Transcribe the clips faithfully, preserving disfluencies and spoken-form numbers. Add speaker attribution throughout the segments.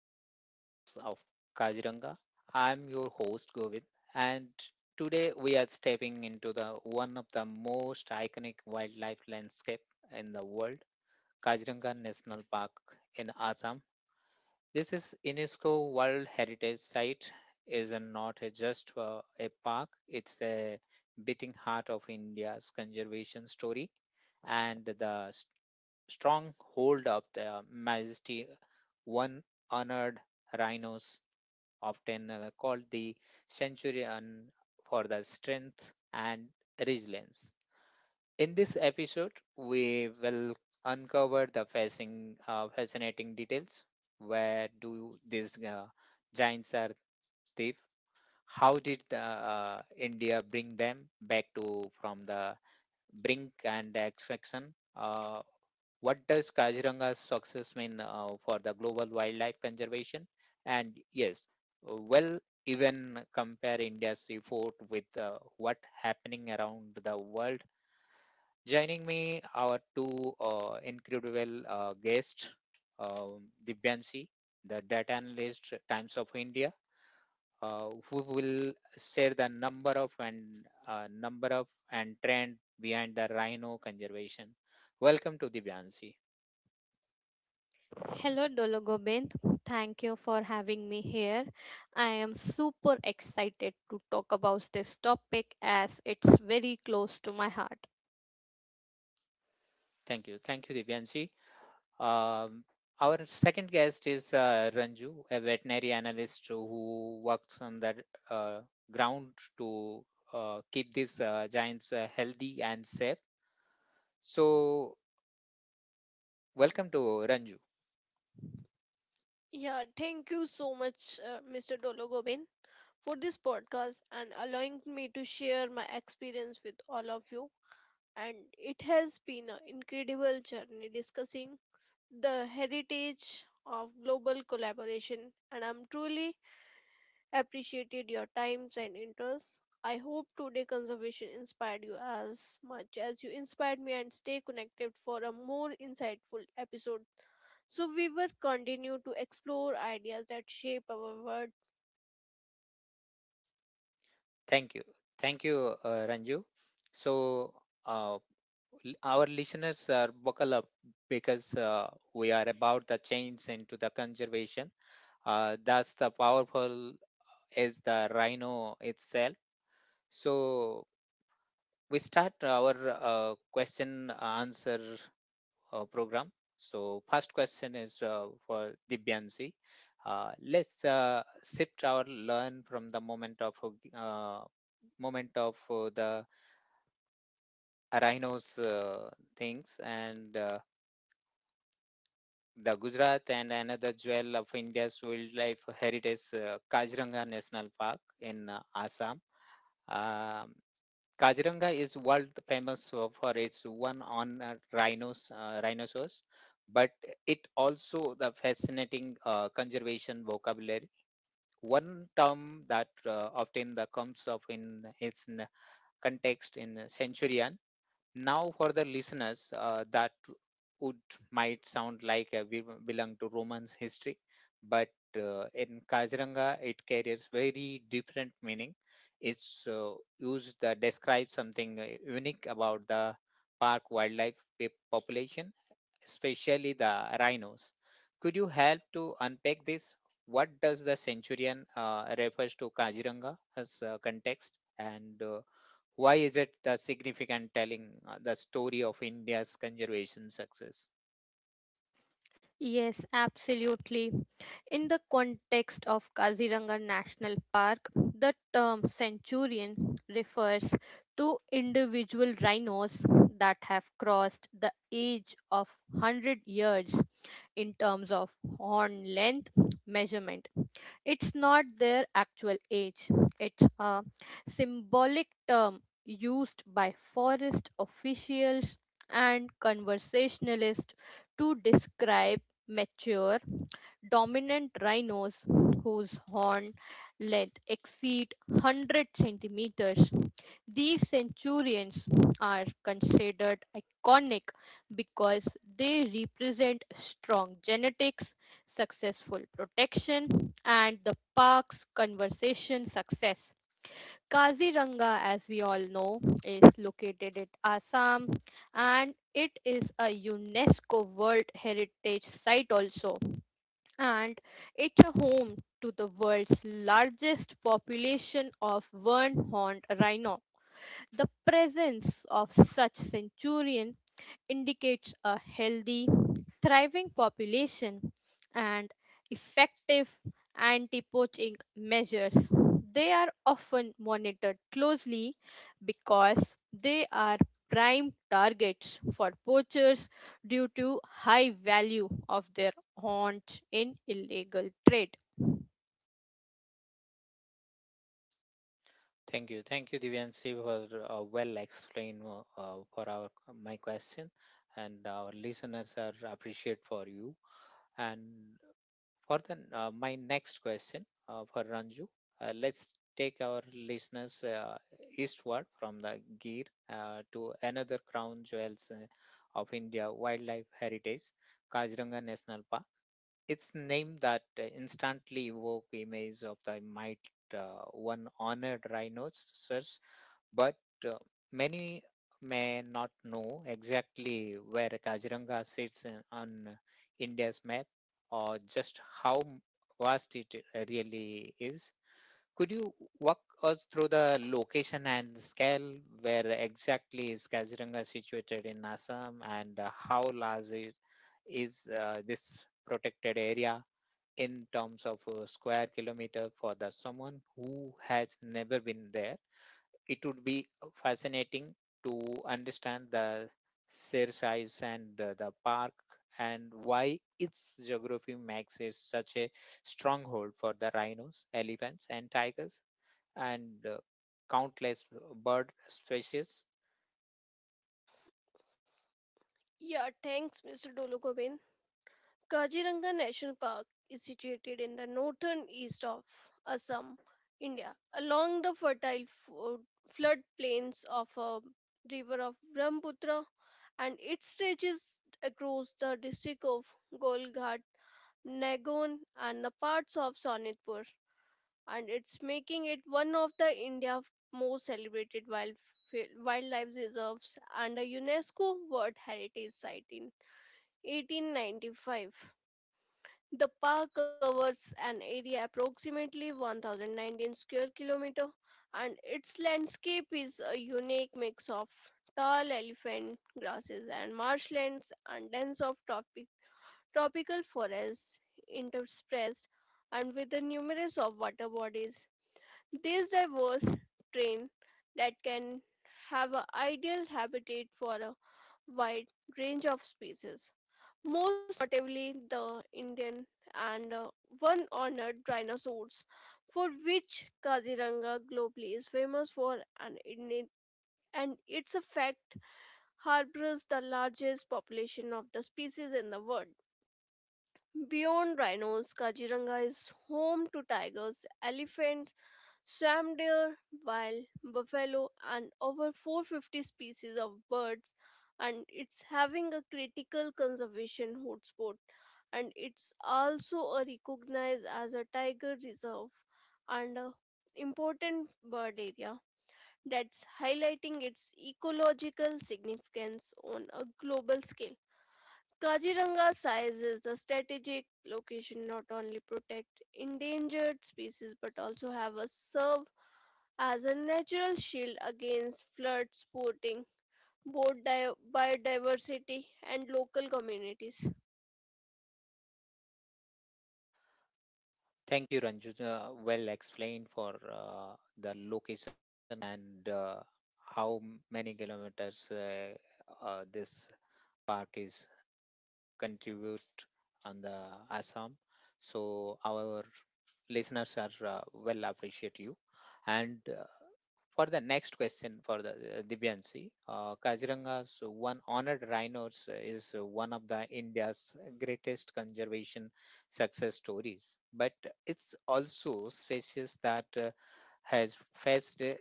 Speaker 1: Rhino Kings of Kajanga. I'm your host Govind, and today we are stepping into the one of the most iconic wildlife landscape in the world, Kajanga National Park in Assam. This is UNESCO World Heritage Site. Is a- not a just uh, a park; it's a bit heart of India's conservation story and the s- strong hold of the majesty one honored rhinos, often uh, called the centurion for the strength and resilience. In this episode, we will uncover the fascinating, uh, fascinating details. Where do these uh, giants are thief? How did the, uh, India bring them back to from the brink and extraction? Uh, what does Kaziranga's success mean uh, for the global wildlife conservation? And yes, well, even compare India's report with uh, what happening around the world. Joining me, our two uh, incredible uh, guests, um, Dibyansi, the data analyst, Times of India, uh, who will share the number of and uh, number of and trend behind the rhino conservation. Welcome to Divyansi.
Speaker 2: Hello, Dologobind. Thank you for having me here. I am super excited to talk about this topic as it's very close to my heart.
Speaker 1: Thank you. Thank you, Divyanshi. Um, our second guest is uh, Ranju, a veterinary analyst who works on the uh, ground to uh, keep these uh, giants uh, healthy and safe. So, welcome to Ranju.
Speaker 3: Yeah, thank you so much, uh, mister Dologobin, for this podcast and allowing me to share my experience with all of you. And it has been an incredible journey discussing the heritage of global collaboration. And I'm truly appreciated your times and interests. I hope today conservation inspired you as much as you inspired me and stay connected for a more insightful episode so we will continue to explore ideas that shape our world.
Speaker 1: Thank you. Thank you, uh, Ranju. So, uh, l- our listeners are buckle up because uh, we are about the change into the conservation. Uh, that's the powerful is the rhino itself. So we start our uh, question answer uh, program. So first question is uh, for Dibyansi. Uh, let's uh, shift our learn from the moment of uh, moment of uh, the rhinos uh, things and uh, the Gujarat and another jewel of India's wildlife heritage, uh, Kaziranga National Park in uh, Assam. Um, Kaziranga is world famous uh, for its one on uh, rhinos, uh, rhinoceros, but it also the fascinating uh, conservation vocabulary. One term that uh, often the comes up in its n- context in centurion now, for the listeners, uh, that would might sound like uh, we belong to Roman history, but uh, in Kaziranga, it carries very different meaning. It's uh, used that describes something uh, unique about the park wildlife pe- population, especially the rhinos. Could you help to unpack this? What does the centurion uh, refers to Kaziranga as uh, context, and uh, why is it the significant telling uh, the story of India's conservation success?
Speaker 2: Yes, absolutely. In the context of Kaziranga National Park, the term centurion refers to individual rhinos that have crossed the age of one hundred years in terms of horn length measurement. It's not their actual age, it's a symbolic term used by forest officials and conversationalists to describe mature, dominant rhinos whose horn length exceed one hundred centimeters. These centurions are considered iconic because they represent strong genetics, successful protection, and the park's conservation success. Kaziranga, as we all know, is located at Assam and it is a UNESCO World Heritage Site also. And it's a home to the world's largest population of one horned rhino. The presence of such centurion indicates a healthy, thriving population and effective anti-poaching measures. They are often monitored closely because they are prime targets for poachers due to high value of their haunts in illegal trade.
Speaker 1: Thank you. Thank you, Divyanshi, for uh, well explained uh, uh, for our uh, my question, and our listeners are appreciate for you. And for the uh, my next question uh, for Ranju, uh, let's take our listeners uh, eastward from the Gir uh, to another crown jewels uh, of India wildlife heritage, Kaziranga National Park. It's named that uh, instantly evoke images of the might uh, one honored rhinoceros, but uh, many may not know exactly where Kaziranga sits in- on India's map or just how vast it uh, really is. Could you walk us through the location and scale? Where exactly is Kaziranga situated in Assam, and uh, how large is, is uh, this protected area? In terms of a square kilometer for the someone who has never been there, it would be fascinating to understand the sheer size and uh, the park and why its geography makes it such a stronghold for the rhinos, elephants and tigers and uh, countless bird species.
Speaker 3: Yeah, thanks, mister Dolokobin. Kaziranga National Park is situated in the northern east of Assam, India, along the fertile fo- floodplains of a river of Brahmaputra, and it stretches across the district of Golghat, Nagon, and the parts of Sonitpur. And it's making it one of the India's most celebrated wild, wildlife reserves and a UNESCO World Heritage Site in eighteen ninety-five. The park covers an area approximately one thousand nineteen square kilometer, and its landscape is a unique mix of tall elephant grasses and marshlands and dense of tropic, tropical forests interspersed and with the numerous water bodies. This diverse terrain that can have an ideal habitat for a wide range of species, most notably the Indian and uh, one honored dinosaurs, for which Kaziranga globally is famous for, and in it- and its a fact harbors the largest population of the species in the world. Beyond rhinos, Kaziranga is home to tigers, elephants, Sam deer, wild buffalo, and over four hundred fifty species of birds, and it's having a critical conservation hotspot, and it's also a recognized as a tiger reserve and a important bird area that's highlighting its ecological significance on a global scale. Kaziranga size is a strategic location not only protect endangered species but also have a serve as a natural shield against floods, supporting both di- biodiversity and local communities.
Speaker 1: Thank you, Ranju, uh, well explained for uh, the location and uh, how many kilometers uh, uh, this park is contribute on the Assam. So our listeners are uh, well appreciate you. And uh, for the next question for the uh, Divyansi, uh, Kaziranga's one honored rhinos is one of the India's greatest conservation success stories, but it's also species that uh, has faced uh,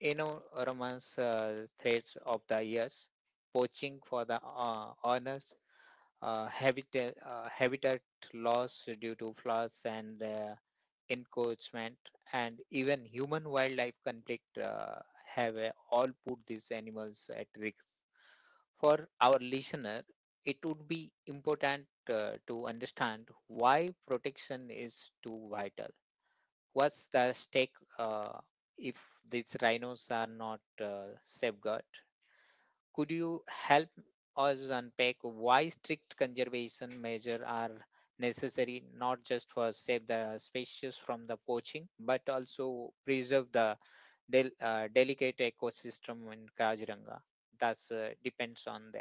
Speaker 1: enormous uh, threats of the years, poaching for the uh, honors, uh, habitat, uh, habitat loss due to floods and uh, encroachment, and even human wildlife conflict uh, have uh, all put these animals at risk. For our listener, it would be important uh, to understand why protection is too vital. What's the stake uh, if these rhinos are not uh, safeguarded? Could you help us unpack why strict conservation measures are necessary not just for save the species from the poaching but also preserve the del- uh, delicate ecosystem in Kaziranga that uh, depends on them.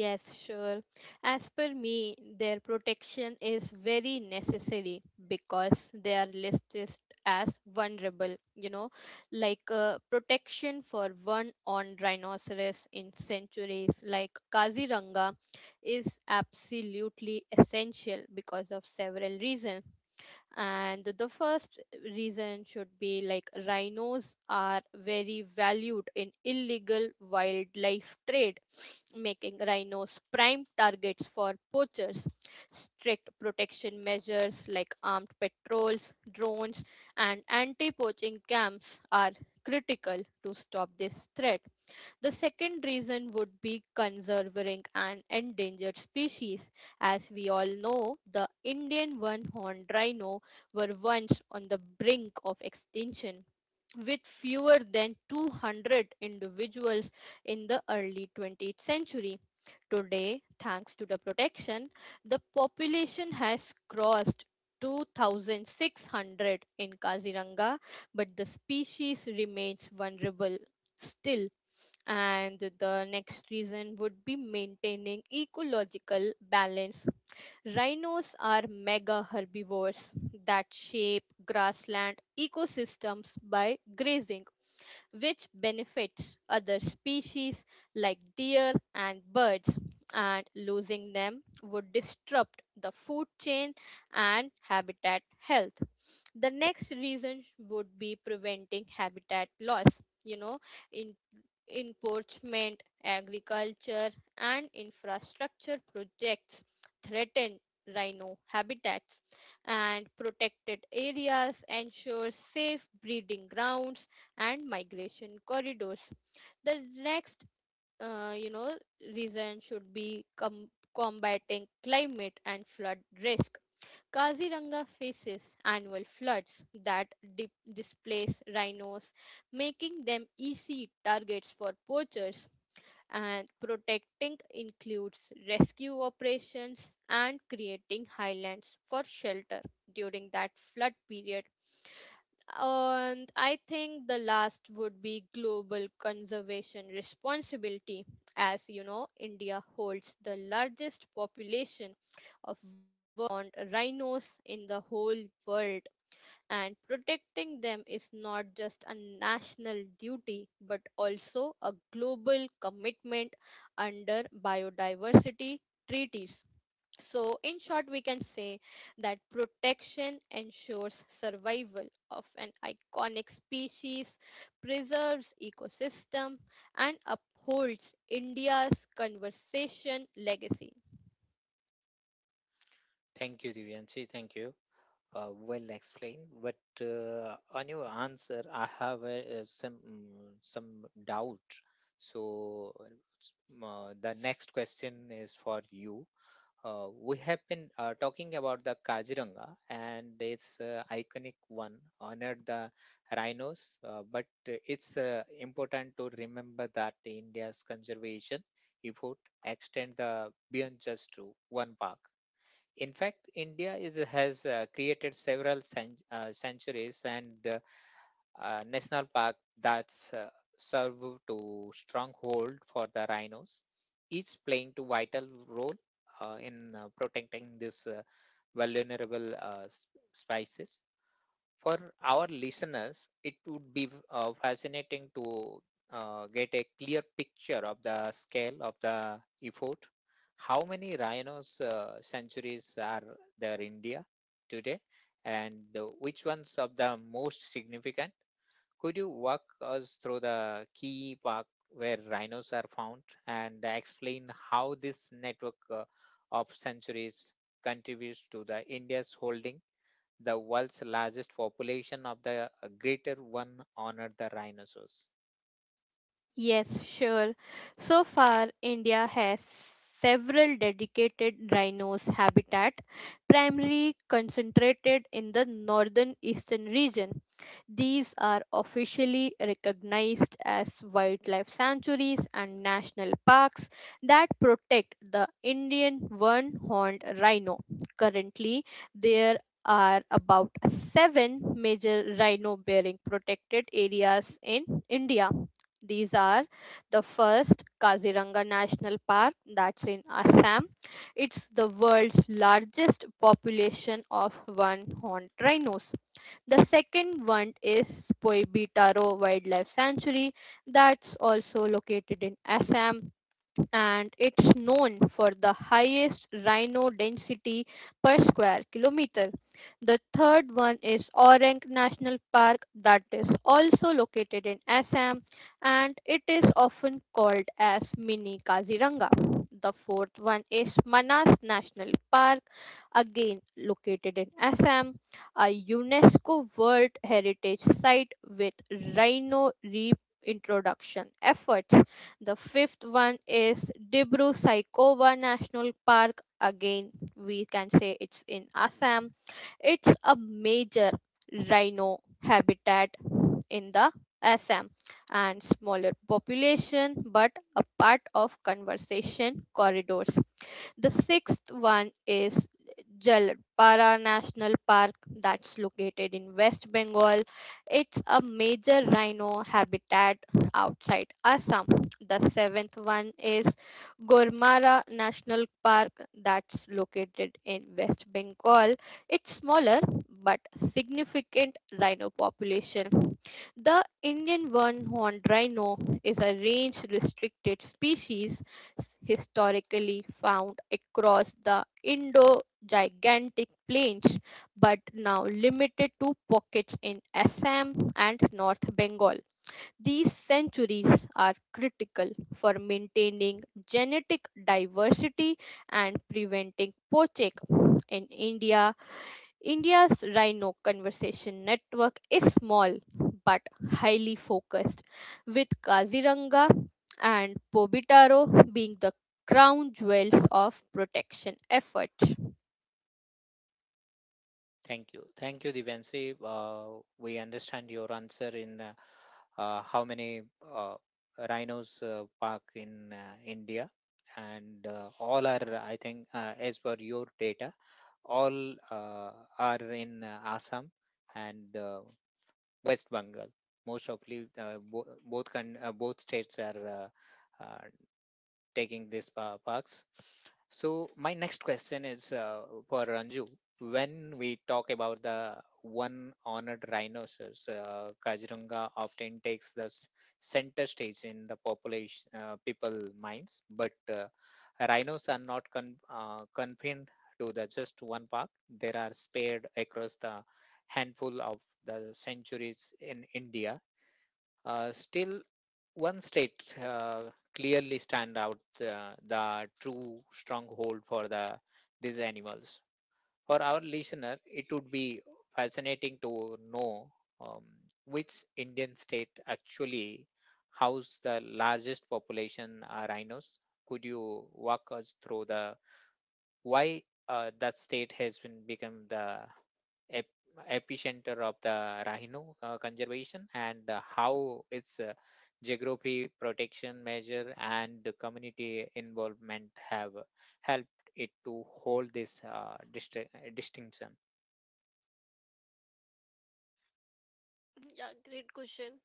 Speaker 2: Yes, sure. As per me, their protection is very necessary because they are listed as vulnerable, you know, like uh, protection for one on rhinoceros in sanctuaries like Kaziranga is absolutely essential because of several reasons. And the first reason should be like rhinos are very valued in illegal wildlife trade, making rhinos prime targets for poachers. Strict protection measures like armed patrols, drones, and anti poaching camps are critical to stop this threat. The second reason would be conserving an endangered species. As we all know, the Indian one horned rhino were once on the brink of extinction, with fewer than two hundred individuals in the early twentieth century. Today, thanks to the protection, the population has crossed two thousand six hundred in Kaziranga, but the species remains vulnerable still. And the next reason would be maintaining ecological balance. Rhinos are mega herbivores that shape grassland ecosystems by grazing, which benefits other species like deer and birds. And losing them would disrupt the food chain and habitat health. The next reason would be preventing habitat loss, you know, in encroachment, agriculture, and infrastructure projects threaten rhino habitats, and protected areas ensure safe breeding grounds and migration corridors. The next, uh, you know, reason should be com- combating climate and flood risk. Kaziranga faces annual floods that di- displace rhinos, making them easy targets for poachers. And protecting includes rescue operations and creating highlands for shelter during that flood period. And I think the last would be global conservation responsibility. As you know, India holds the largest population of warned rhinos in the whole world, and protecting them is not just a national duty but also a global commitment under biodiversity treaties. So, in short, we can say that protection ensures survival of an iconic species, preserves ecosystem, and upholds India's conservation legacy.
Speaker 1: Thank you, Divyanshi. Thank you. Uh, well explained. But uh, on your answer, I have uh, some mm, some doubt. So uh, uh, the next question is for you. Uh, we have been uh, talking about the Kaziranga and its uh, iconic one honored the rhinos, uh, but uh, it's uh, important to remember that India's conservation effort extend the beyond just to one park. In fact, India is has uh, created several cen- uh, centuries and uh, uh, national park that uh, serve to stronghold for the rhinos, each playing to vital role uh, in uh, protecting this uh, vulnerable uh, s- species for our listeners, it would be uh, fascinating to uh, get a clear picture of the scale of the effort. How many rhinos uh, centuries are there in India today, and uh, which ones of the most significant? Could you walk us through the key park where rhinos are found and explain how this network uh, of sanctuaries contributes to the India's holding the world's largest population of the uh, greater one honored the rhinoceros.
Speaker 2: Yes, sure. So far, India has several dedicated rhinos habitat, primarily concentrated in the northern eastern region. These are officially recognized as wildlife sanctuaries and national parks that protect the Indian one-horned rhino. Currently, there are about seven major rhino-bearing protected areas in India. These are the first, Kaziranga National Park, that's in Assam. It's the world's largest population of one horned rhinos. The second one is Poibitaro Wildlife Sanctuary, that's also located in Assam, and it's known for the highest rhino density per square kilometer. The third one is Orang National Park, that is also located in Assam and it is often called as Mini Kaziranga. The fourth one is Manas National Park, again located in Assam, a UNESCO World Heritage Site with rhino reintroduction efforts. The fifth one is Dibru Saikova National Park. Again, we can say it's in Assam. It's a major rhino habitat in the Assam, and smaller population but a part of conservation corridors. The sixth one is Jalpara National Park, that's located in West Bengal. It's a major rhino habitat outside Assam. The seventh one is Gormara National Park, that's located in West Bengal. It's smaller but significant rhino population. The Indian one-horned rhino is a range restricted species, historically found across the Indo-Gigantic plains, but now limited to pockets in Assam and North Bengal. These centuries are critical for maintaining genetic diversity and preventing poaching. In India, India's Rhino Conversation Network is small but highly focused, with Kaziranga and Pobitaro being the crown jewels of protection effort.
Speaker 1: Thank you. Thank you, Divansi. Uh, we understand your answer in uh, uh, how many uh, rhinos uh, park in uh, India. And uh, all are, I think, uh, as per your data, all uh, are in uh, Assam and uh, West Bengal. Most probably, uh, bo- both, con- uh, both states are uh, uh, taking these uh, perks. So my next question is uh, for Ranju. When we talk about the one honored rhinoceros, uh, Kaziranga often takes the s- center stage in the population uh, people minds, but uh, rhinos are not con- uh, confined to the just one park. There are spared across the handful of the centuries in India. Uh, still, one state uh, clearly stand out uh, the true stronghold for the these animals for our listener, it would be fascinating to know, um, which indian state actually house the largest population uh, rhinos. Could you walk us through the why uh, that state has been become the ep- epicenter of the rhino uh, conservation and uh, how its uh, geography protection measure and the community involvement have helped it to hold this uh, distri- distinction.
Speaker 3: Yeah, great question.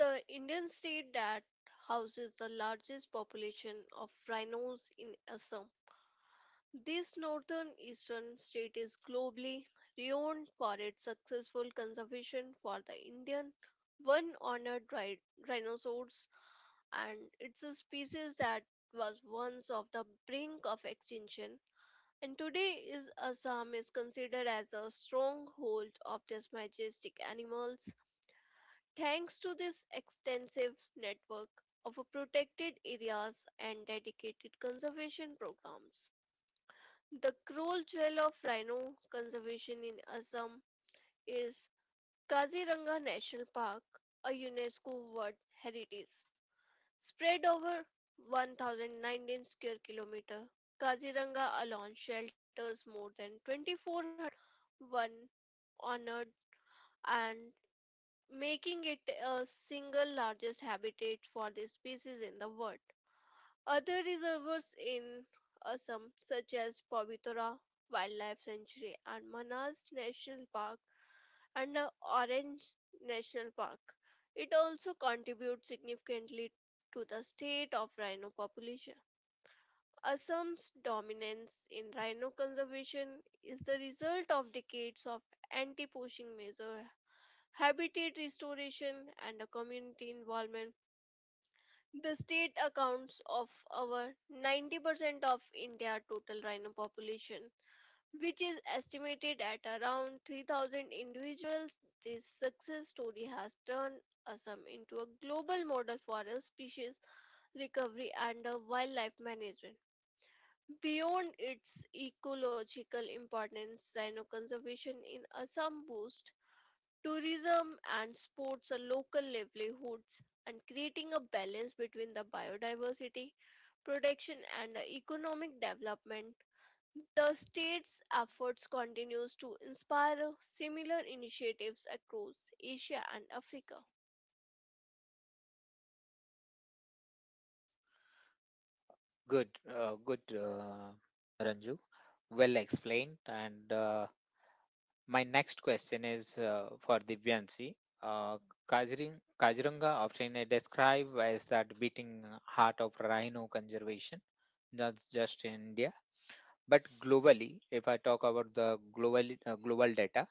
Speaker 3: The Indian state that houses the largest population of rhinos in Assam. This northern eastern state is globally renowned for its successful conservation for the Indian one honored rhi- rhinoceros, and it's a species that was once of the brink of extinction. And today is Assam is considered as a stronghold of these majestic animals thanks to this extensive network of protected areas and dedicated conservation programs. The cruel jewel of rhino conservation in Assam is Kaziranga National Park, a UNESCO World Heritage Spread over one thousand nineteen square kilometer. Kaziranga alone shelters more than two thousand four hundred one on, and making it a single largest habitat for this species in the world. Other reservoirs in Assam such as Pavitura Wildlife Sanctuary and Manas National Park and the Orange National Park. It also contributes significantly to the state of rhino population. Assam's dominance in rhino conservation is the result of decades of anti-poaching measures, habitat restoration, and a community involvement. The state accounts of over ninety percent of India's total rhino population, which is estimated at around three thousand individuals. This success story has turned Assam into a global model for a species recovery and a wildlife management. Beyond its ecological importance, rhino conservation in Assam boosts tourism and sports are local livelihoods, and creating a balance between the biodiversity protection and the economic development. The state's efforts continues to inspire similar initiatives across Asia and Africa.
Speaker 1: Good, uh, good, uh, Ranju, well explained, and uh, my next question is uh, for Divyanshi. Uh, Kazirang, Kaziranga often is described as that beating heart of rhino conservation, not just in India, but globally. If I talk about the global uh, global data,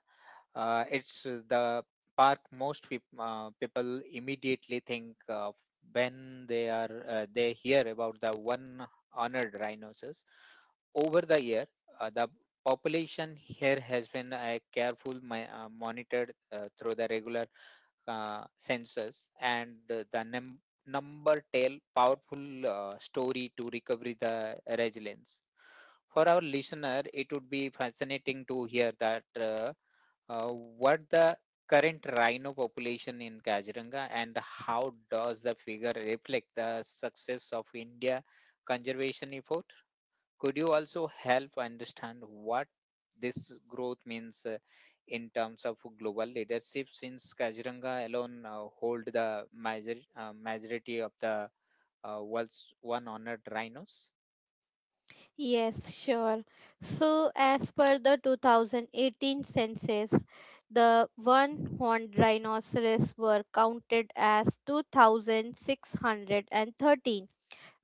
Speaker 1: uh, it's uh, the park most peop uh, people immediately think of when they are uh, they hear about the one honored rhinoceros. Over the year, uh, the population here has been uh, careful ma- uh, monitored uh, through the regular uh, census and uh, the num- number tell powerful uh, story to recovery the resilience for our listener, it would be fascinating to hear that uh, uh, what the current rhino population in Kaziranga and how does the figure reflect the success of India conservation effort? Could you also help understand what this growth means uh, in terms of global leadership since Kaziranga alone uh, hold the major, uh, majority of the uh, world's one honored rhinos?
Speaker 2: Yes, sure. So, as per the two thousand eighteen census, the one horned rhinoceros were counted as two thousand six hundred thirteen,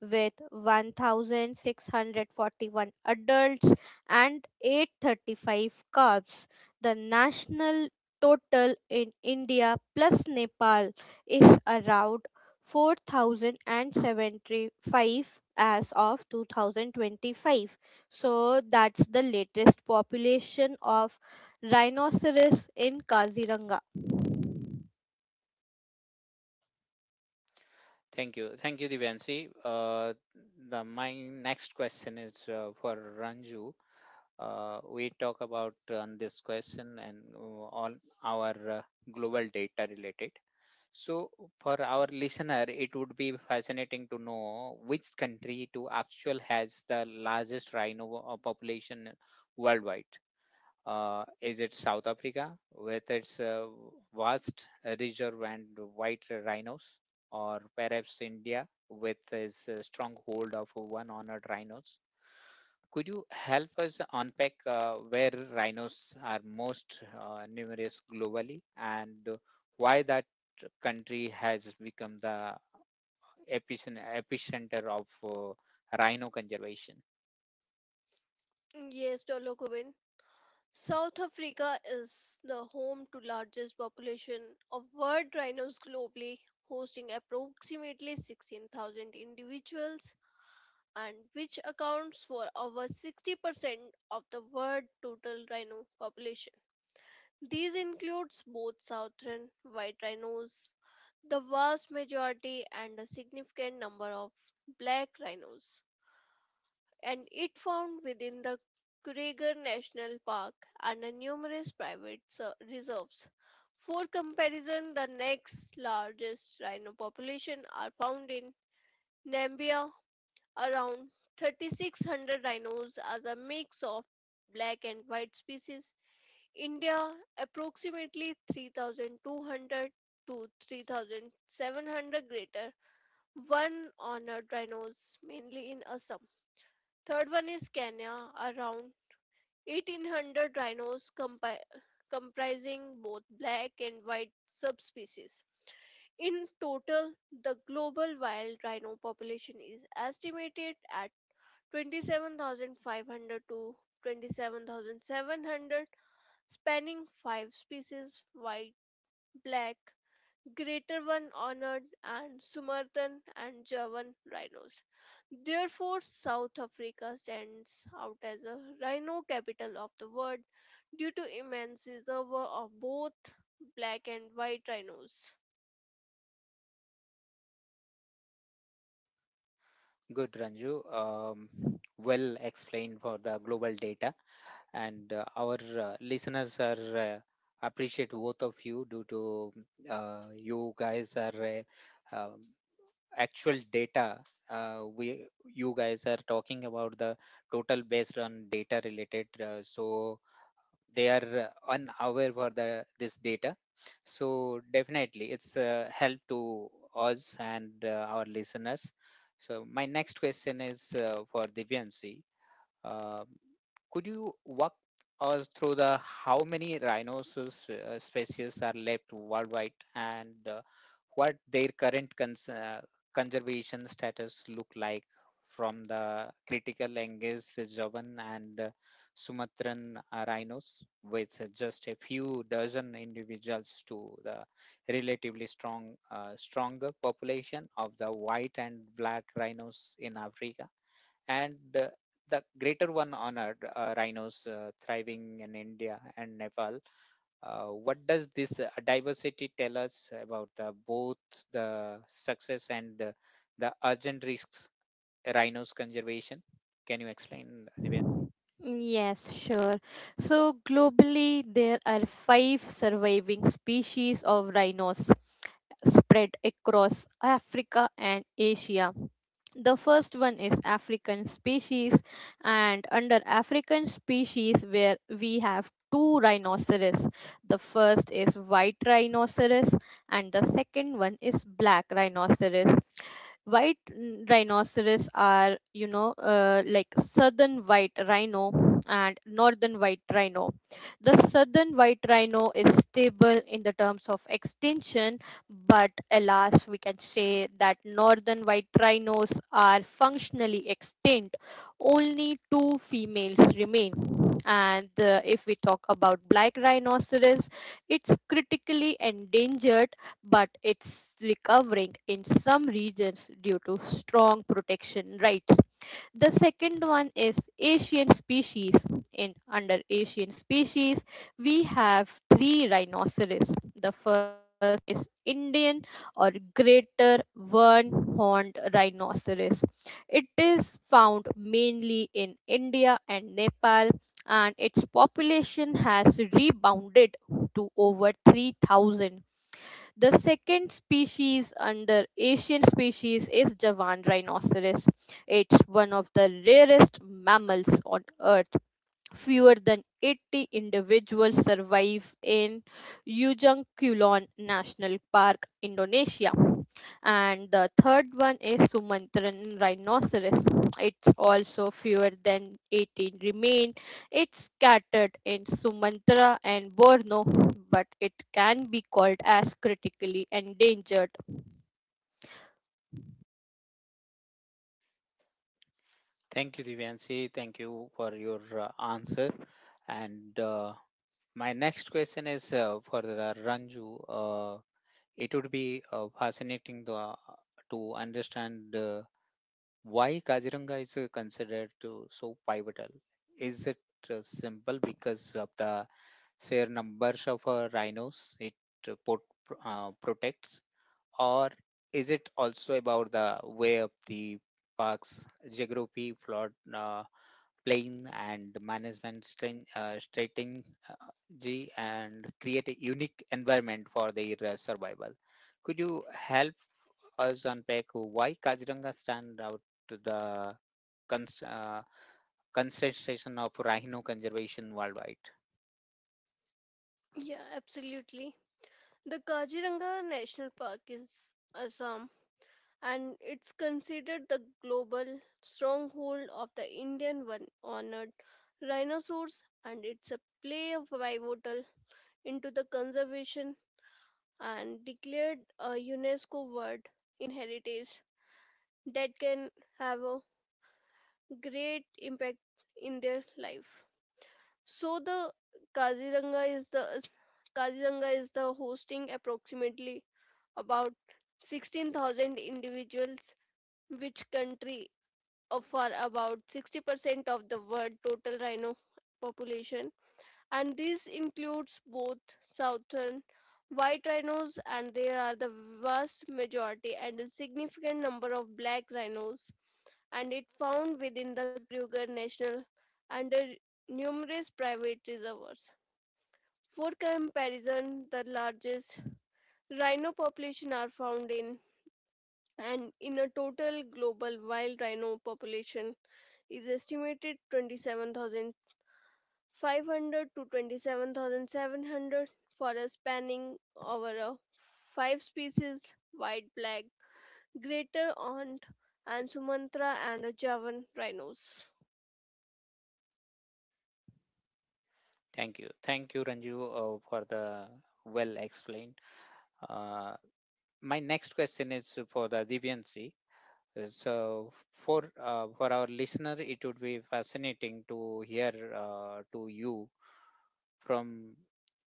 Speaker 2: with one thousand six hundred forty-one adults and eight hundred thirty-five calves. The national total in India plus Nepal is around four thousand seventy-five as of twenty twenty-five. So that's the latest population of rhinoceros in Kaziranga.
Speaker 1: Thank you. Thank you, Divyansi. Uh, the, my next question is uh, for Ranju. Uh, we talk about uh, on this question and uh, all our uh, global data related. So, for our listener, it would be fascinating to know which country to actual has the largest rhino uh, population worldwide. Uh, is it South Africa with its uh, vast reserve and white rhinos, or perhaps India with its uh, stronghold of one honored rhinos? Could you help us unpack uh, where rhinos are most uh, numerous globally and why that country has become the epicen- epicenter of uh, rhino conservation?
Speaker 3: Yes, Dolokubin. South Africa is the home to largest population of wild rhinos globally, hosting approximately sixteen thousand individuals and which accounts for over sixty percent of the world total rhino population. These includes both southern white rhinos, the vast majority, and a significant number of black rhinos, and it found within the Kruger National Park and a numerous private ser- reserves. For comparison, the next largest rhino population are found in Namibia, around three thousand six hundred rhinos as a mix of black and white species. India, approximately three thousand two hundred to three thousand seven hundred greater one honored rhinos, mainly in Assam. Third one is Kenya, around eighteen hundred rhinos compi- comprising both black and white subspecies. In total, the global wild rhino population is estimated at twenty-seven thousand five hundred to twenty-seven thousand seven hundred, spanning five species white, black, greater one honored, and Sumatran and Javan rhinos. Therefore, South Africa stands out as a rhino capital of the world due to immense reservoir of both black and white rhinos.
Speaker 1: Good, Ranju. Um, well explained for the global data, and uh, our uh, listeners are uh, appreciate both of you due to uh, you guys are uh, um, actual data uh, we you guys are talking about the total based on data related uh, so they are uh, unaware for the this data, so definitely it's a help to us and uh, our listeners. So my next question is uh, for divyanshi. uh, could you walk us through the how many rhinoceros uh, species are left worldwide and uh, what their current cons- uh, conservation status look like, from the critical engaged Javan and uh, Sumatran uh, rhinos with just a few dozen individuals to the relatively strong uh, stronger population of the white and black rhinos in Africa and the, the greater one honored uh, rhinos uh, thriving in India and Nepal. Uh, what does this uh, diversity tell us about the, both the success and uh, the urgent risks rhinos conservation? Can you explain, Divyanshi?
Speaker 2: Yes, sure. So globally, there are five surviving species of rhinos spread across Africa and Asia. The first one is African species, and under African species, where we have two rhinoceros. The first is white rhinoceros, and the second one is black rhinoceros. White n- rhinoceros are, you know, uh, like southern white rhino and northern white rhino. The southern white rhino is stable in the terms of extinction, but alas, we can say that northern white rhinos are functionally extinct. Only two females remain. And uh, if we talk about black rhinoceros, it's critically endangered but it's recovering in some regions due to strong protection rights. The second one is Asian species. In under Asian species, we have three rhinoceros. The first is Indian or greater one horned rhinoceros. It is found mainly in India and Nepal, and its population has rebounded to over three thousand. The second species under Asian species is Javan rhinoceros. It's one of the rarest mammals on earth. Fewer than eighty individuals survive in Ujung Kulon National Park, Indonesia. And the third one is Sumatran rhinoceros. It's also fewer than eighteen remain. It's scattered in Sumatra and Borneo, but it can be called as critically endangered.
Speaker 1: Thank you, Divyanshi. Thank you for your uh, answer. And uh, my next question is uh, for the Ranju. Uh, it would be uh, fascinating to, uh, to understand. Uh, Why Kaziranga is uh, considered to so pivotal? Is it uh, simple because of the sheer numbers of uh, rhinos it uh, pot, uh, protects, or is it also about the way of the park's geography, flood, uh, plain, and management strain- uh, strategy, and create a unique environment for their uh, survival? Could you help us unpack why Kaziranga stand out to the cons- uh, concession of rhino conservation worldwide.
Speaker 3: Yeah, absolutely. The Kaziranga National Park is Assam, and it's considered the global stronghold of the Indian one honored rhinoceros, and it's a play of pivotal into the conservation and declared a UNESCO World Heritage that can have a great impact in their life. So the Kaziranga is the Kaziranga is the hosting approximately about sixteen thousand individuals, which country offer about sixty percent of the world total rhino population. And this includes both southern white rhinos and there are the vast majority and a significant number of black rhinos, and it found within the Kruger National under numerous private reservoirs. For comparison, the largest rhino population are found in, and in a total global wild rhino population is estimated twenty-seven thousand five hundred to twenty-seven thousand seven hundred for a spanning over a five species white, black, greater aunt, and sumatra and a javan rhinos.
Speaker 1: Thank you. Thank you, Ranju, uh, for the well explained. Uh, my next question is for the Divyansi. Uh, So, for uh, for our listener, it would be fascinating to hear uh, to you from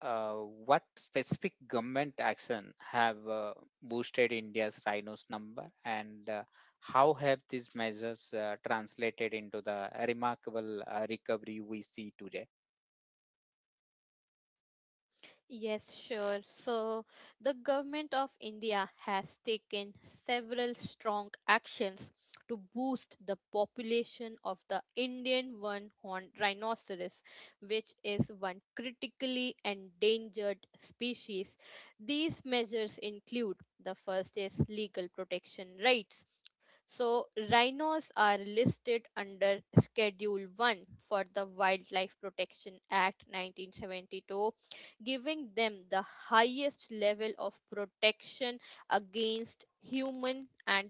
Speaker 1: uh, what specific government action have uh, boosted India's rhinos number and uh, how have these measures uh, translated into the remarkable uh, recovery we see today?
Speaker 2: Yes, sure. So, the government of India has taken several strong actions to boost the population of the Indian one horned rhinoceros, which is one critically endangered species. These measures include: first is legal protection rights. So, rhinos are listed under Schedule one for the Wildlife Protection Act nineteen seventy-two, giving them the highest level of protection against human, and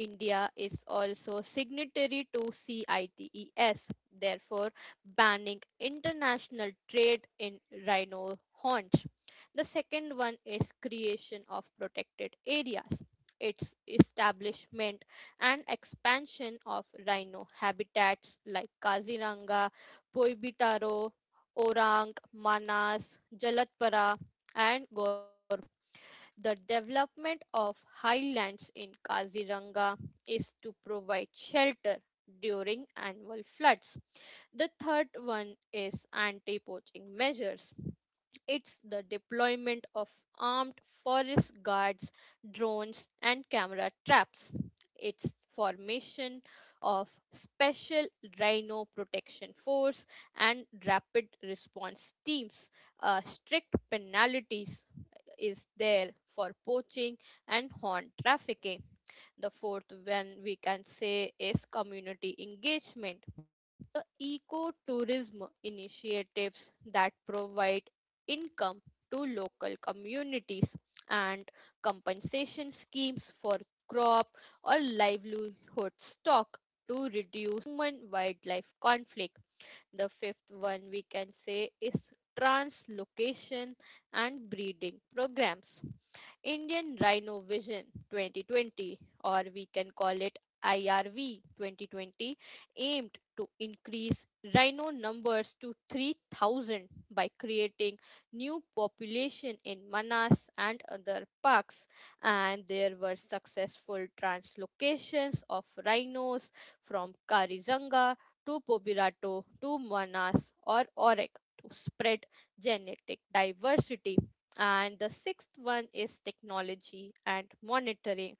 Speaker 2: India is also signatory to CITES, therefore banning international trade in rhino haunch. The second one is creation of protected areas, its establishment and expansion of rhino habitats like Kaziranga, Poibitaro, Orang, Manas, Jalatpara, and Go. The development of highlands in Kaziranga is to provide shelter during annual floods. The third one is anti poaching measures. It's the deployment of armed forest guards, drones, and camera traps. It's formation of special rhino protection force and rapid response teams. Uh, strict penalties is there for poaching and horn trafficking. The fourth one, we can say, is community engagement. The ecotourism initiatives that provide income to local communities, and compensation schemes for crop or livelihood stock to reduce human wildlife conflict. The fifth one we can say is translocation and breeding programs. Indian Rhino Vision twenty twenty, or we can call it I R V twenty twenty, aimed to increase rhino numbers to three thousand by creating new population in Manas and other parks. And there were successful translocations of rhinos from Karizanga to Pobirato to Manas or Orek to spread genetic diversity. And the sixth one is technology and monitoring.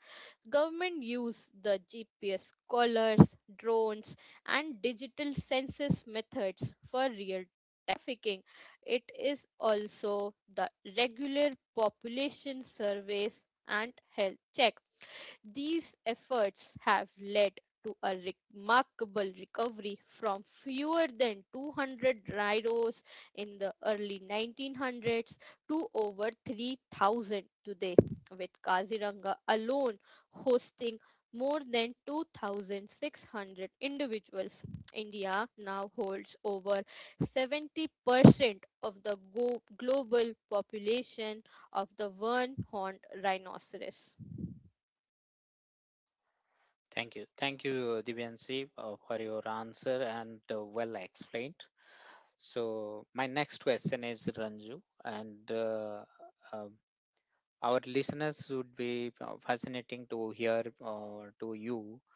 Speaker 2: Government use the G P S collars, drones, and digital census methods for real trafficking. It is also the regular population surveys and health check. These efforts have led to a remarkable recovery from fewer than two hundred railroads in the early nineteen hundreds to over three thousand today, with Kaziranga alone hosting more than two thousand six hundred individuals. India now holds over seventy percent of the go- global population of the one horned rhinoceros.
Speaker 1: Thank you. Thank you, Divyanshi, uh, for your answer and uh, well explained. So, my next question is Ranju, and uh, um our listeners would be uh, fascinating to hear uh, to you.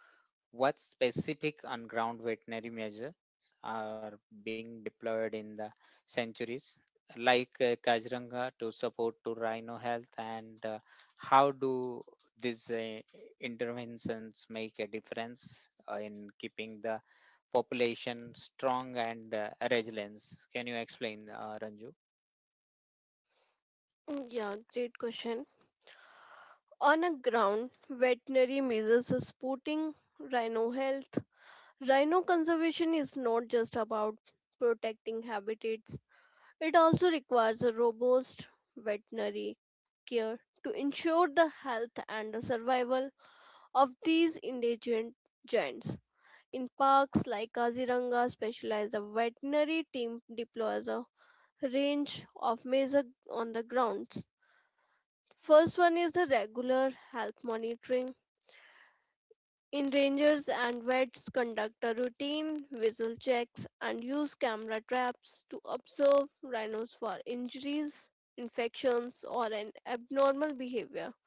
Speaker 1: What specific on-ground veterinary measures are being deployed in the centuries, like uh, Kaziranga, to support to rhino health, and uh, how do these uh, interventions make a difference uh, in keeping the population strong and uh, resilient? Can you explain, uh, Ranju?
Speaker 3: Mm, yeah, great question. On a ground, veterinary measures are supporting rhino health. Rhino conservation is not just about protecting habitats, it also requires a robust veterinary care to ensure the health and the survival of these endangered giants. In parks like Kaziranga, specialized veterinary team deploys a range of measures on the grounds. First one is the regular health monitoring. In rangers and vets conduct a routine visual checks and use camera traps to observe rhinos for injuries, infections, or an abnormal behavior.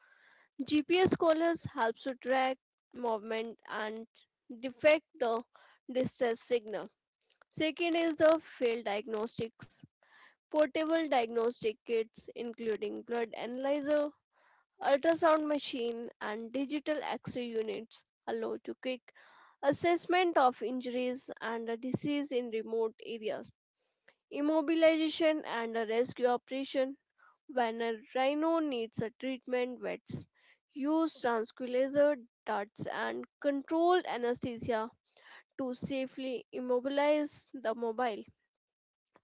Speaker 3: G P S collars helps to track movement and detect the distress signal. Second is the field diagnostics. Portable diagnostic kits including blood analyzer, ultrasound machine and digital x-ray units allow to quick assessment of injuries and disease in remote areas immobilization and a rescue operation when a rhino needs a treatment vets use tranquilizer darts and controlled anesthesia to safely immobilize the mobile.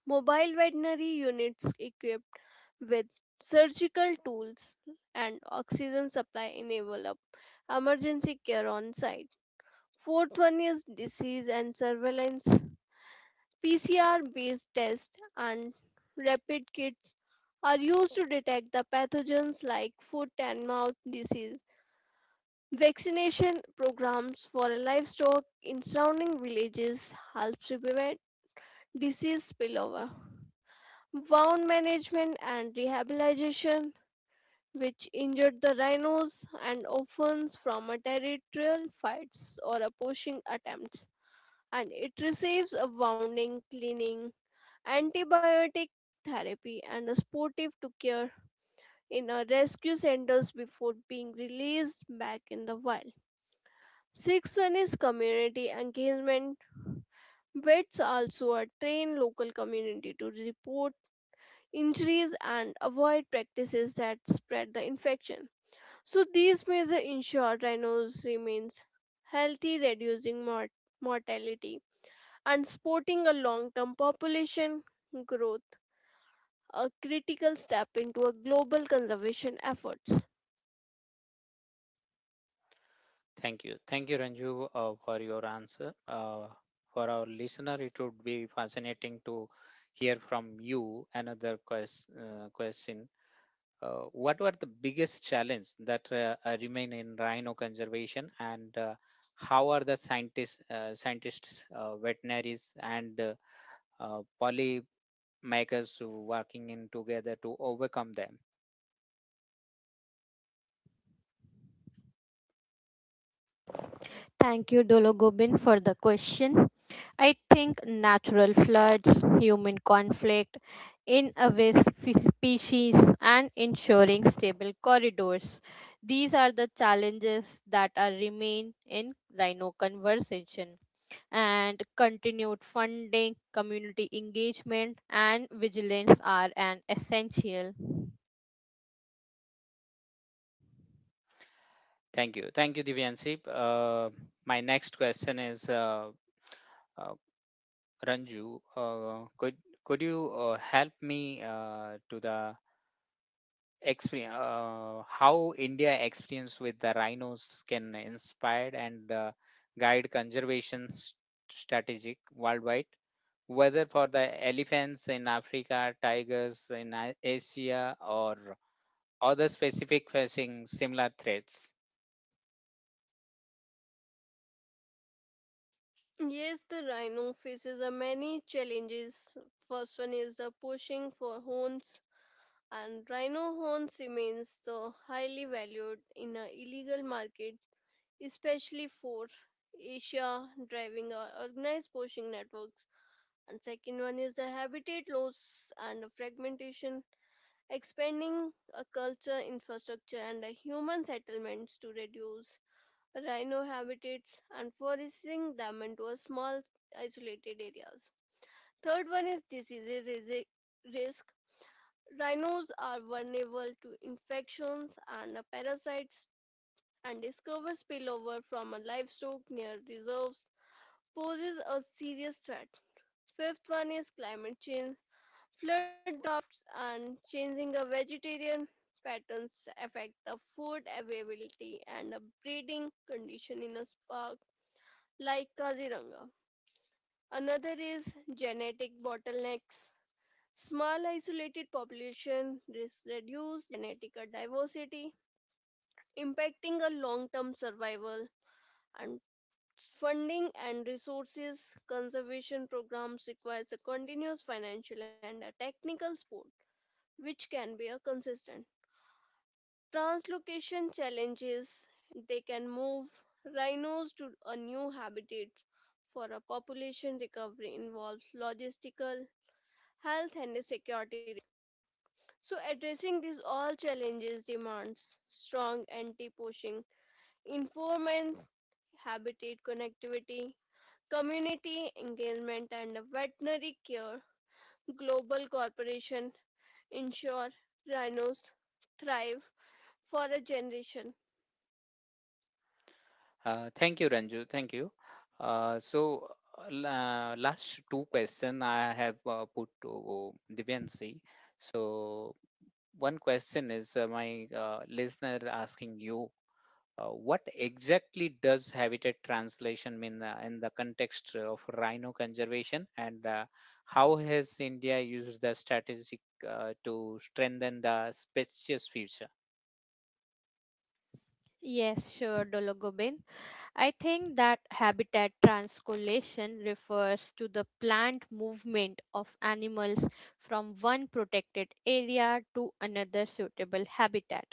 Speaker 3: Mobile veterinary units equipped with surgical tools and oxygen supply enable up emergency care on site. Fourth one is disease and surveillance. P C R based tests and rapid kits are used to detect the pathogens like foot and mouth disease. Vaccination programs for livestock in surrounding villages helps to prevent disease spillover. Wound management and rehabilitation, which injured the rhinos and orphans from a territorial fights or a poaching attempts, and it receives a wounding cleaning antibiotic therapy and a sportive to care in a rescue centers before being released back in the wild. Sixth one is community engagement. Vets also are train local community to report injuries and avoid practices that spread the infection. So these measures ensure rhinos remains healthy, reducing mor- mortality and supporting a long-term population growth, a critical step into a global conservation efforts.
Speaker 1: Thank you. Thank you, Ranju, uh, for your answer. Uh, for our listener, it would be fascinating to hear from you another quest, uh, question. Uh, what were the biggest challenges that uh, uh, remain in rhino conservation, and uh, how are the scientists, uh, scientists, uh, veterinaries, and uh, uh, polymakers working in together to overcome them?
Speaker 2: Thank you, Dologobin, for the question. I think natural floods, human conflict, invasive species, and ensuring stable corridors. These are the challenges that are remain in rhino conservation. And continued funding, community engagement, and vigilance are an essential.
Speaker 1: Thank you. Thank you, Divyanshi. Uh, my next question is. Uh, uh, Ranju, uh, could could you uh, help me uh, to the experience uh, how India experience with the rhinos can inspire and uh, guide conservation s- strategic worldwide, whether for the elephants in Africa, tigers in A- Asia, or other specific facing similar threats.
Speaker 3: Yes, the rhino faces a many challenges. First one is the pushing for horns, and rhino horns remains so highly valued in a illegal market, especially for Asia, driving a organized poaching networks. And second one is the habitat loss and fragmentation, expanding a culture infrastructure and a human settlements to reduce rhino habitats and foresting them into a small isolated areas. Third one is disease resi- risk. Rhinos are vulnerable to infections and parasites, and discover spillover from a livestock near reserves poses a serious threat. Fifth one is climate change. Flood droughts and changing the vegetarian patterns affect the food availability and the breeding condition in a park like Kaziranga. Another is genetic bottlenecks. Small isolated population risk reduced genetic diversity, impacting a long-term survival. And funding and resources conservation programs requires a continuous financial and a technical support, which can be a consistent. Translocation challenges, they can move rhinos to a new habitat for a population recovery involves logistical, health and security. So addressing these all challenges demands strong anti-poaching enforcement, habitat connectivity, community engagement and veterinary care. Global corporation ensure rhinos thrive for a generation.
Speaker 1: Uh, thank you, Ranju. Thank you. Uh, so, uh, la- last two question I have uh, put to Divyansi. So, one question is uh, my uh, listener asking you, uh, what exactly does habitat translation mean uh, in the context of rhino conservation, and uh, how has India used the strategic uh, to strengthen the species future?
Speaker 2: Yes, sure, Dologobin. I think that habitat transcolation refers to the planned movement of animals from one protected area to another suitable habitat.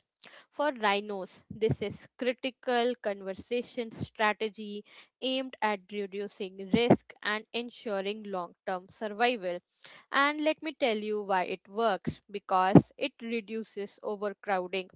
Speaker 2: For rhinos, this is critical conservation strategy aimed at reducing risk and ensuring long-term survival. And let me tell you why it works, because it reduces overcrowding.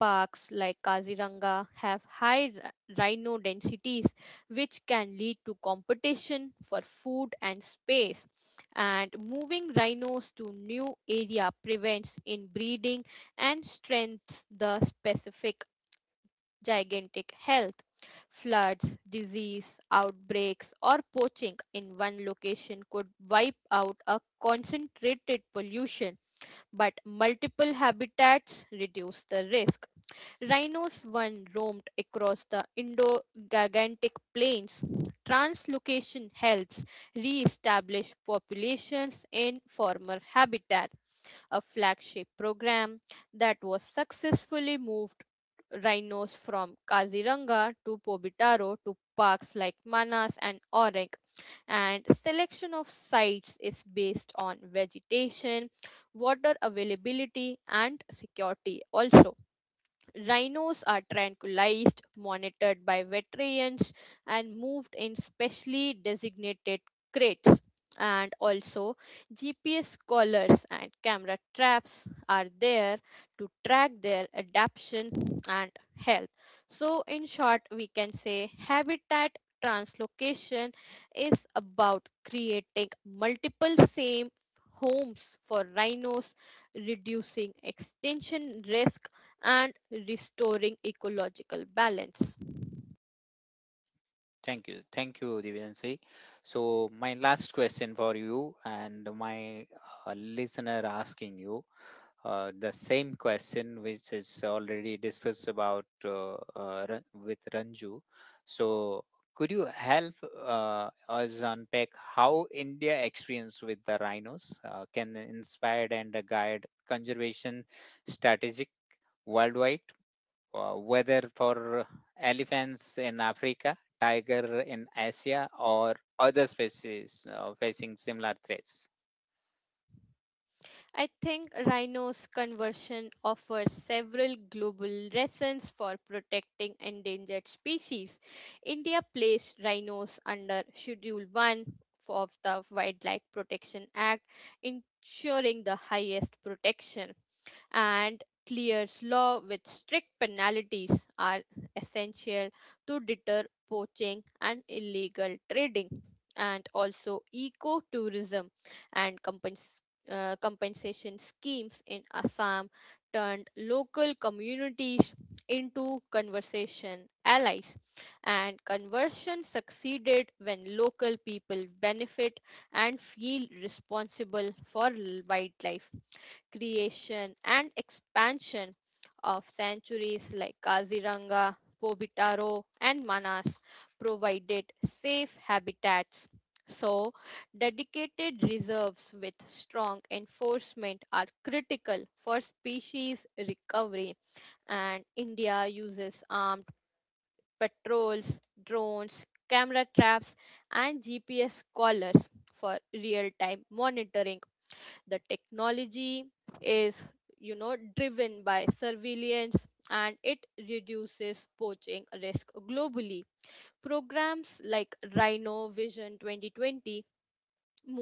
Speaker 2: Parks like Kaziranga have high ri- rhino densities, which can lead to competition for food and space. And moving rhinos to new area prevents inbreeding and strengthens the specific gigantic health. Floods, disease, outbreaks, or poaching in one location could wipe out a concentrated pollution, but multiple habitats reduce the risk. Rhinos one roamed across the Indo Gigantic plains. Translocation helps re establish populations in former habitat, a flagship program that was successfully moved rhinos from Kaziranga to Pobitaro to parks like Manas and Orang. And selection of sites is based on vegetation, water availability, and security also. Rhinos are tranquilized, monitored by veterinarians, and moved in specially designated crates. And also, G P S collars and camera traps are there to track their adaptation and health. So, in short, we can say habitat translocation is about creating multiple same homes for rhinos, reducing extinction risk and restoring ecological balance.
Speaker 1: Thank you. Thank you, Divyanshi. So, my last question for you and my uh, listener asking you uh, the same question which is already discussed about uh, uh, Ran- with Ranju. So, could you help uh, us unpack how India experience with the rhinos uh, can inspire and guide conservation strategic worldwide? Uh, whether for elephants in Africa, tiger in Asia, or other species uh, facing similar threats.
Speaker 2: I think rhino's conversion offers several global lessons for protecting endangered species. India placed rhinos under Schedule one of the Wildlife Protection Act, ensuring the highest protection. And clears law with strict penalties are essential to deter poaching and illegal trading. And also, eco-tourism and compens- uh, compensation schemes in Assam turned local communities into conservation allies, and conversion succeeded when local people benefit and feel responsible for l- wildlife. Creation and expansion of sanctuaries like Kaziranga, Bobitaro, and Manas provided safe habitats. So, dedicated reserves with strong enforcement are critical for species recovery, and India uses armed patrols, drones, camera traps, and G P S collars for real time monitoring. The technology is, you know, driven by surveillance, and it reduces poaching risk globally. Programs like Rhino Vision twenty twenty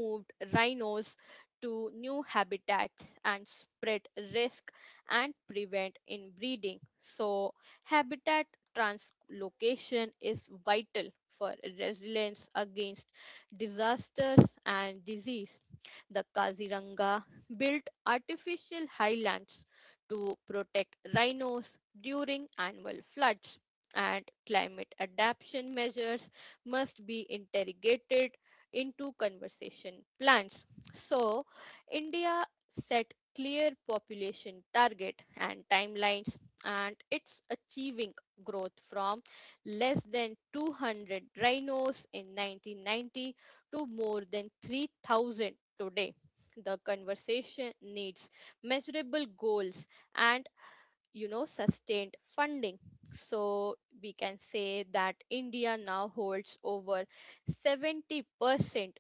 Speaker 2: moved rhinos to new habitats and spread risk and prevent inbreeding. So, habitat translocation is vital for resilience against disasters and disease. The Kaziranga built artificial highlands to protect rhinos during annual floods, and climate adaptation measures must be integrated into conversation plans. So, India set clear population target and timelines, and it's achieving growth from less than two hundred rhinos in nineteen ninety to more than three thousand today. The conversation needs measurable goals and, you know, sustained funding. So we can say that India now holds over seventy percent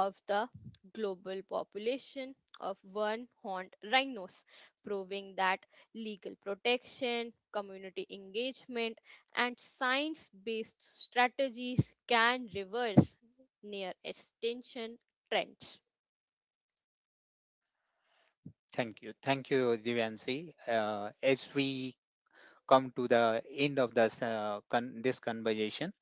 Speaker 2: of the global population of one horned rhinos, proving that legal protection, community engagement, and science based strategies can reverse near extinction trends.
Speaker 1: Thank you. Thank you, Divyansi. Uh, as we come to the end of this, uh, con- this conversation,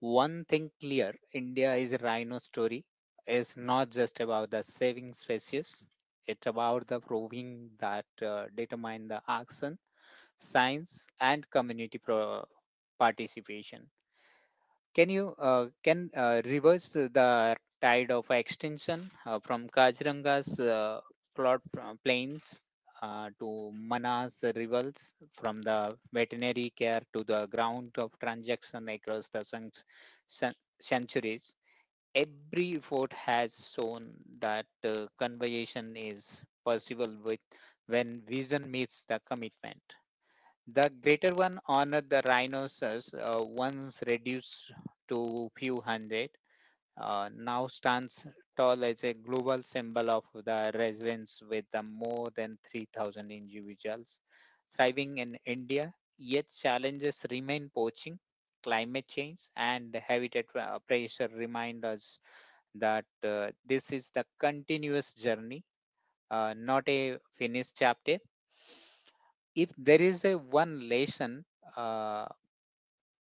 Speaker 1: one thing clear, India is a rhino story is not just about the saving species. It's about the proving that uh, determine the action, science, and community pro- participation. Can you uh, can uh, reverse the the tide of extinction uh, from Kajiranga's uh, plot uh, plains uh, to Manas rivers, from the veterinary care to the ground of transaction across the cen- cen- centuries? Every fort has shown that uh, conversation is possible with when vision meets the commitment. The greater one honored the rhinoceros, uh, once reduced to few hundred, uh, now stands tall as a global symbol of the resilience with the more than three thousand individuals thriving in India. Yet challenges remain poaching, climate change, and habitat uh, pressure remind us that uh, this is the continuous journey, uh, not a finished chapter. If there is a one lesson uh,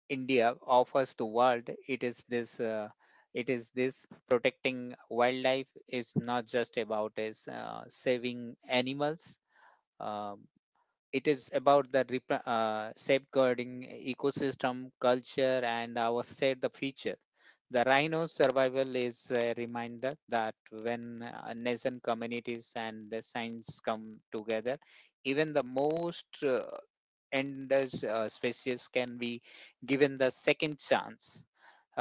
Speaker 1: India offers the world, it is this. Uh, it is this, protecting wildlife is not just about is uh, saving animals. Um it is about the rep- uh, safeguarding ecosystem, culture, and our state the future. The rhino survival is a reminder that when uh, nation communities and the science come together, even the most uh, endangered uh, species can be given the second chance.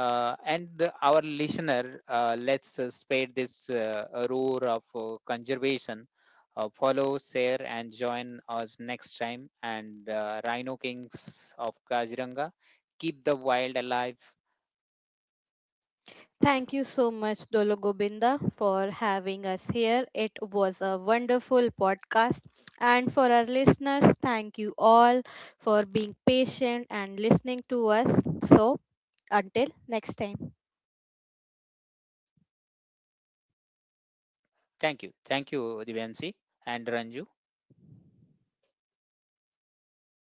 Speaker 1: Uh, and the- our listener, uh, let's uh, spare this uh, roar of uh, conservation, uh, follow, share, and join us next time. And uh, Rhino Kings of Kaziranga, keep the wild alive.
Speaker 2: Thank you so much, Dolo Gobinda, for having us here. It was a wonderful podcast. And for our listeners, thank you all for being patient and listening to us. So, until next time.
Speaker 1: Thank you. Thank you, Divyansi and Ranju.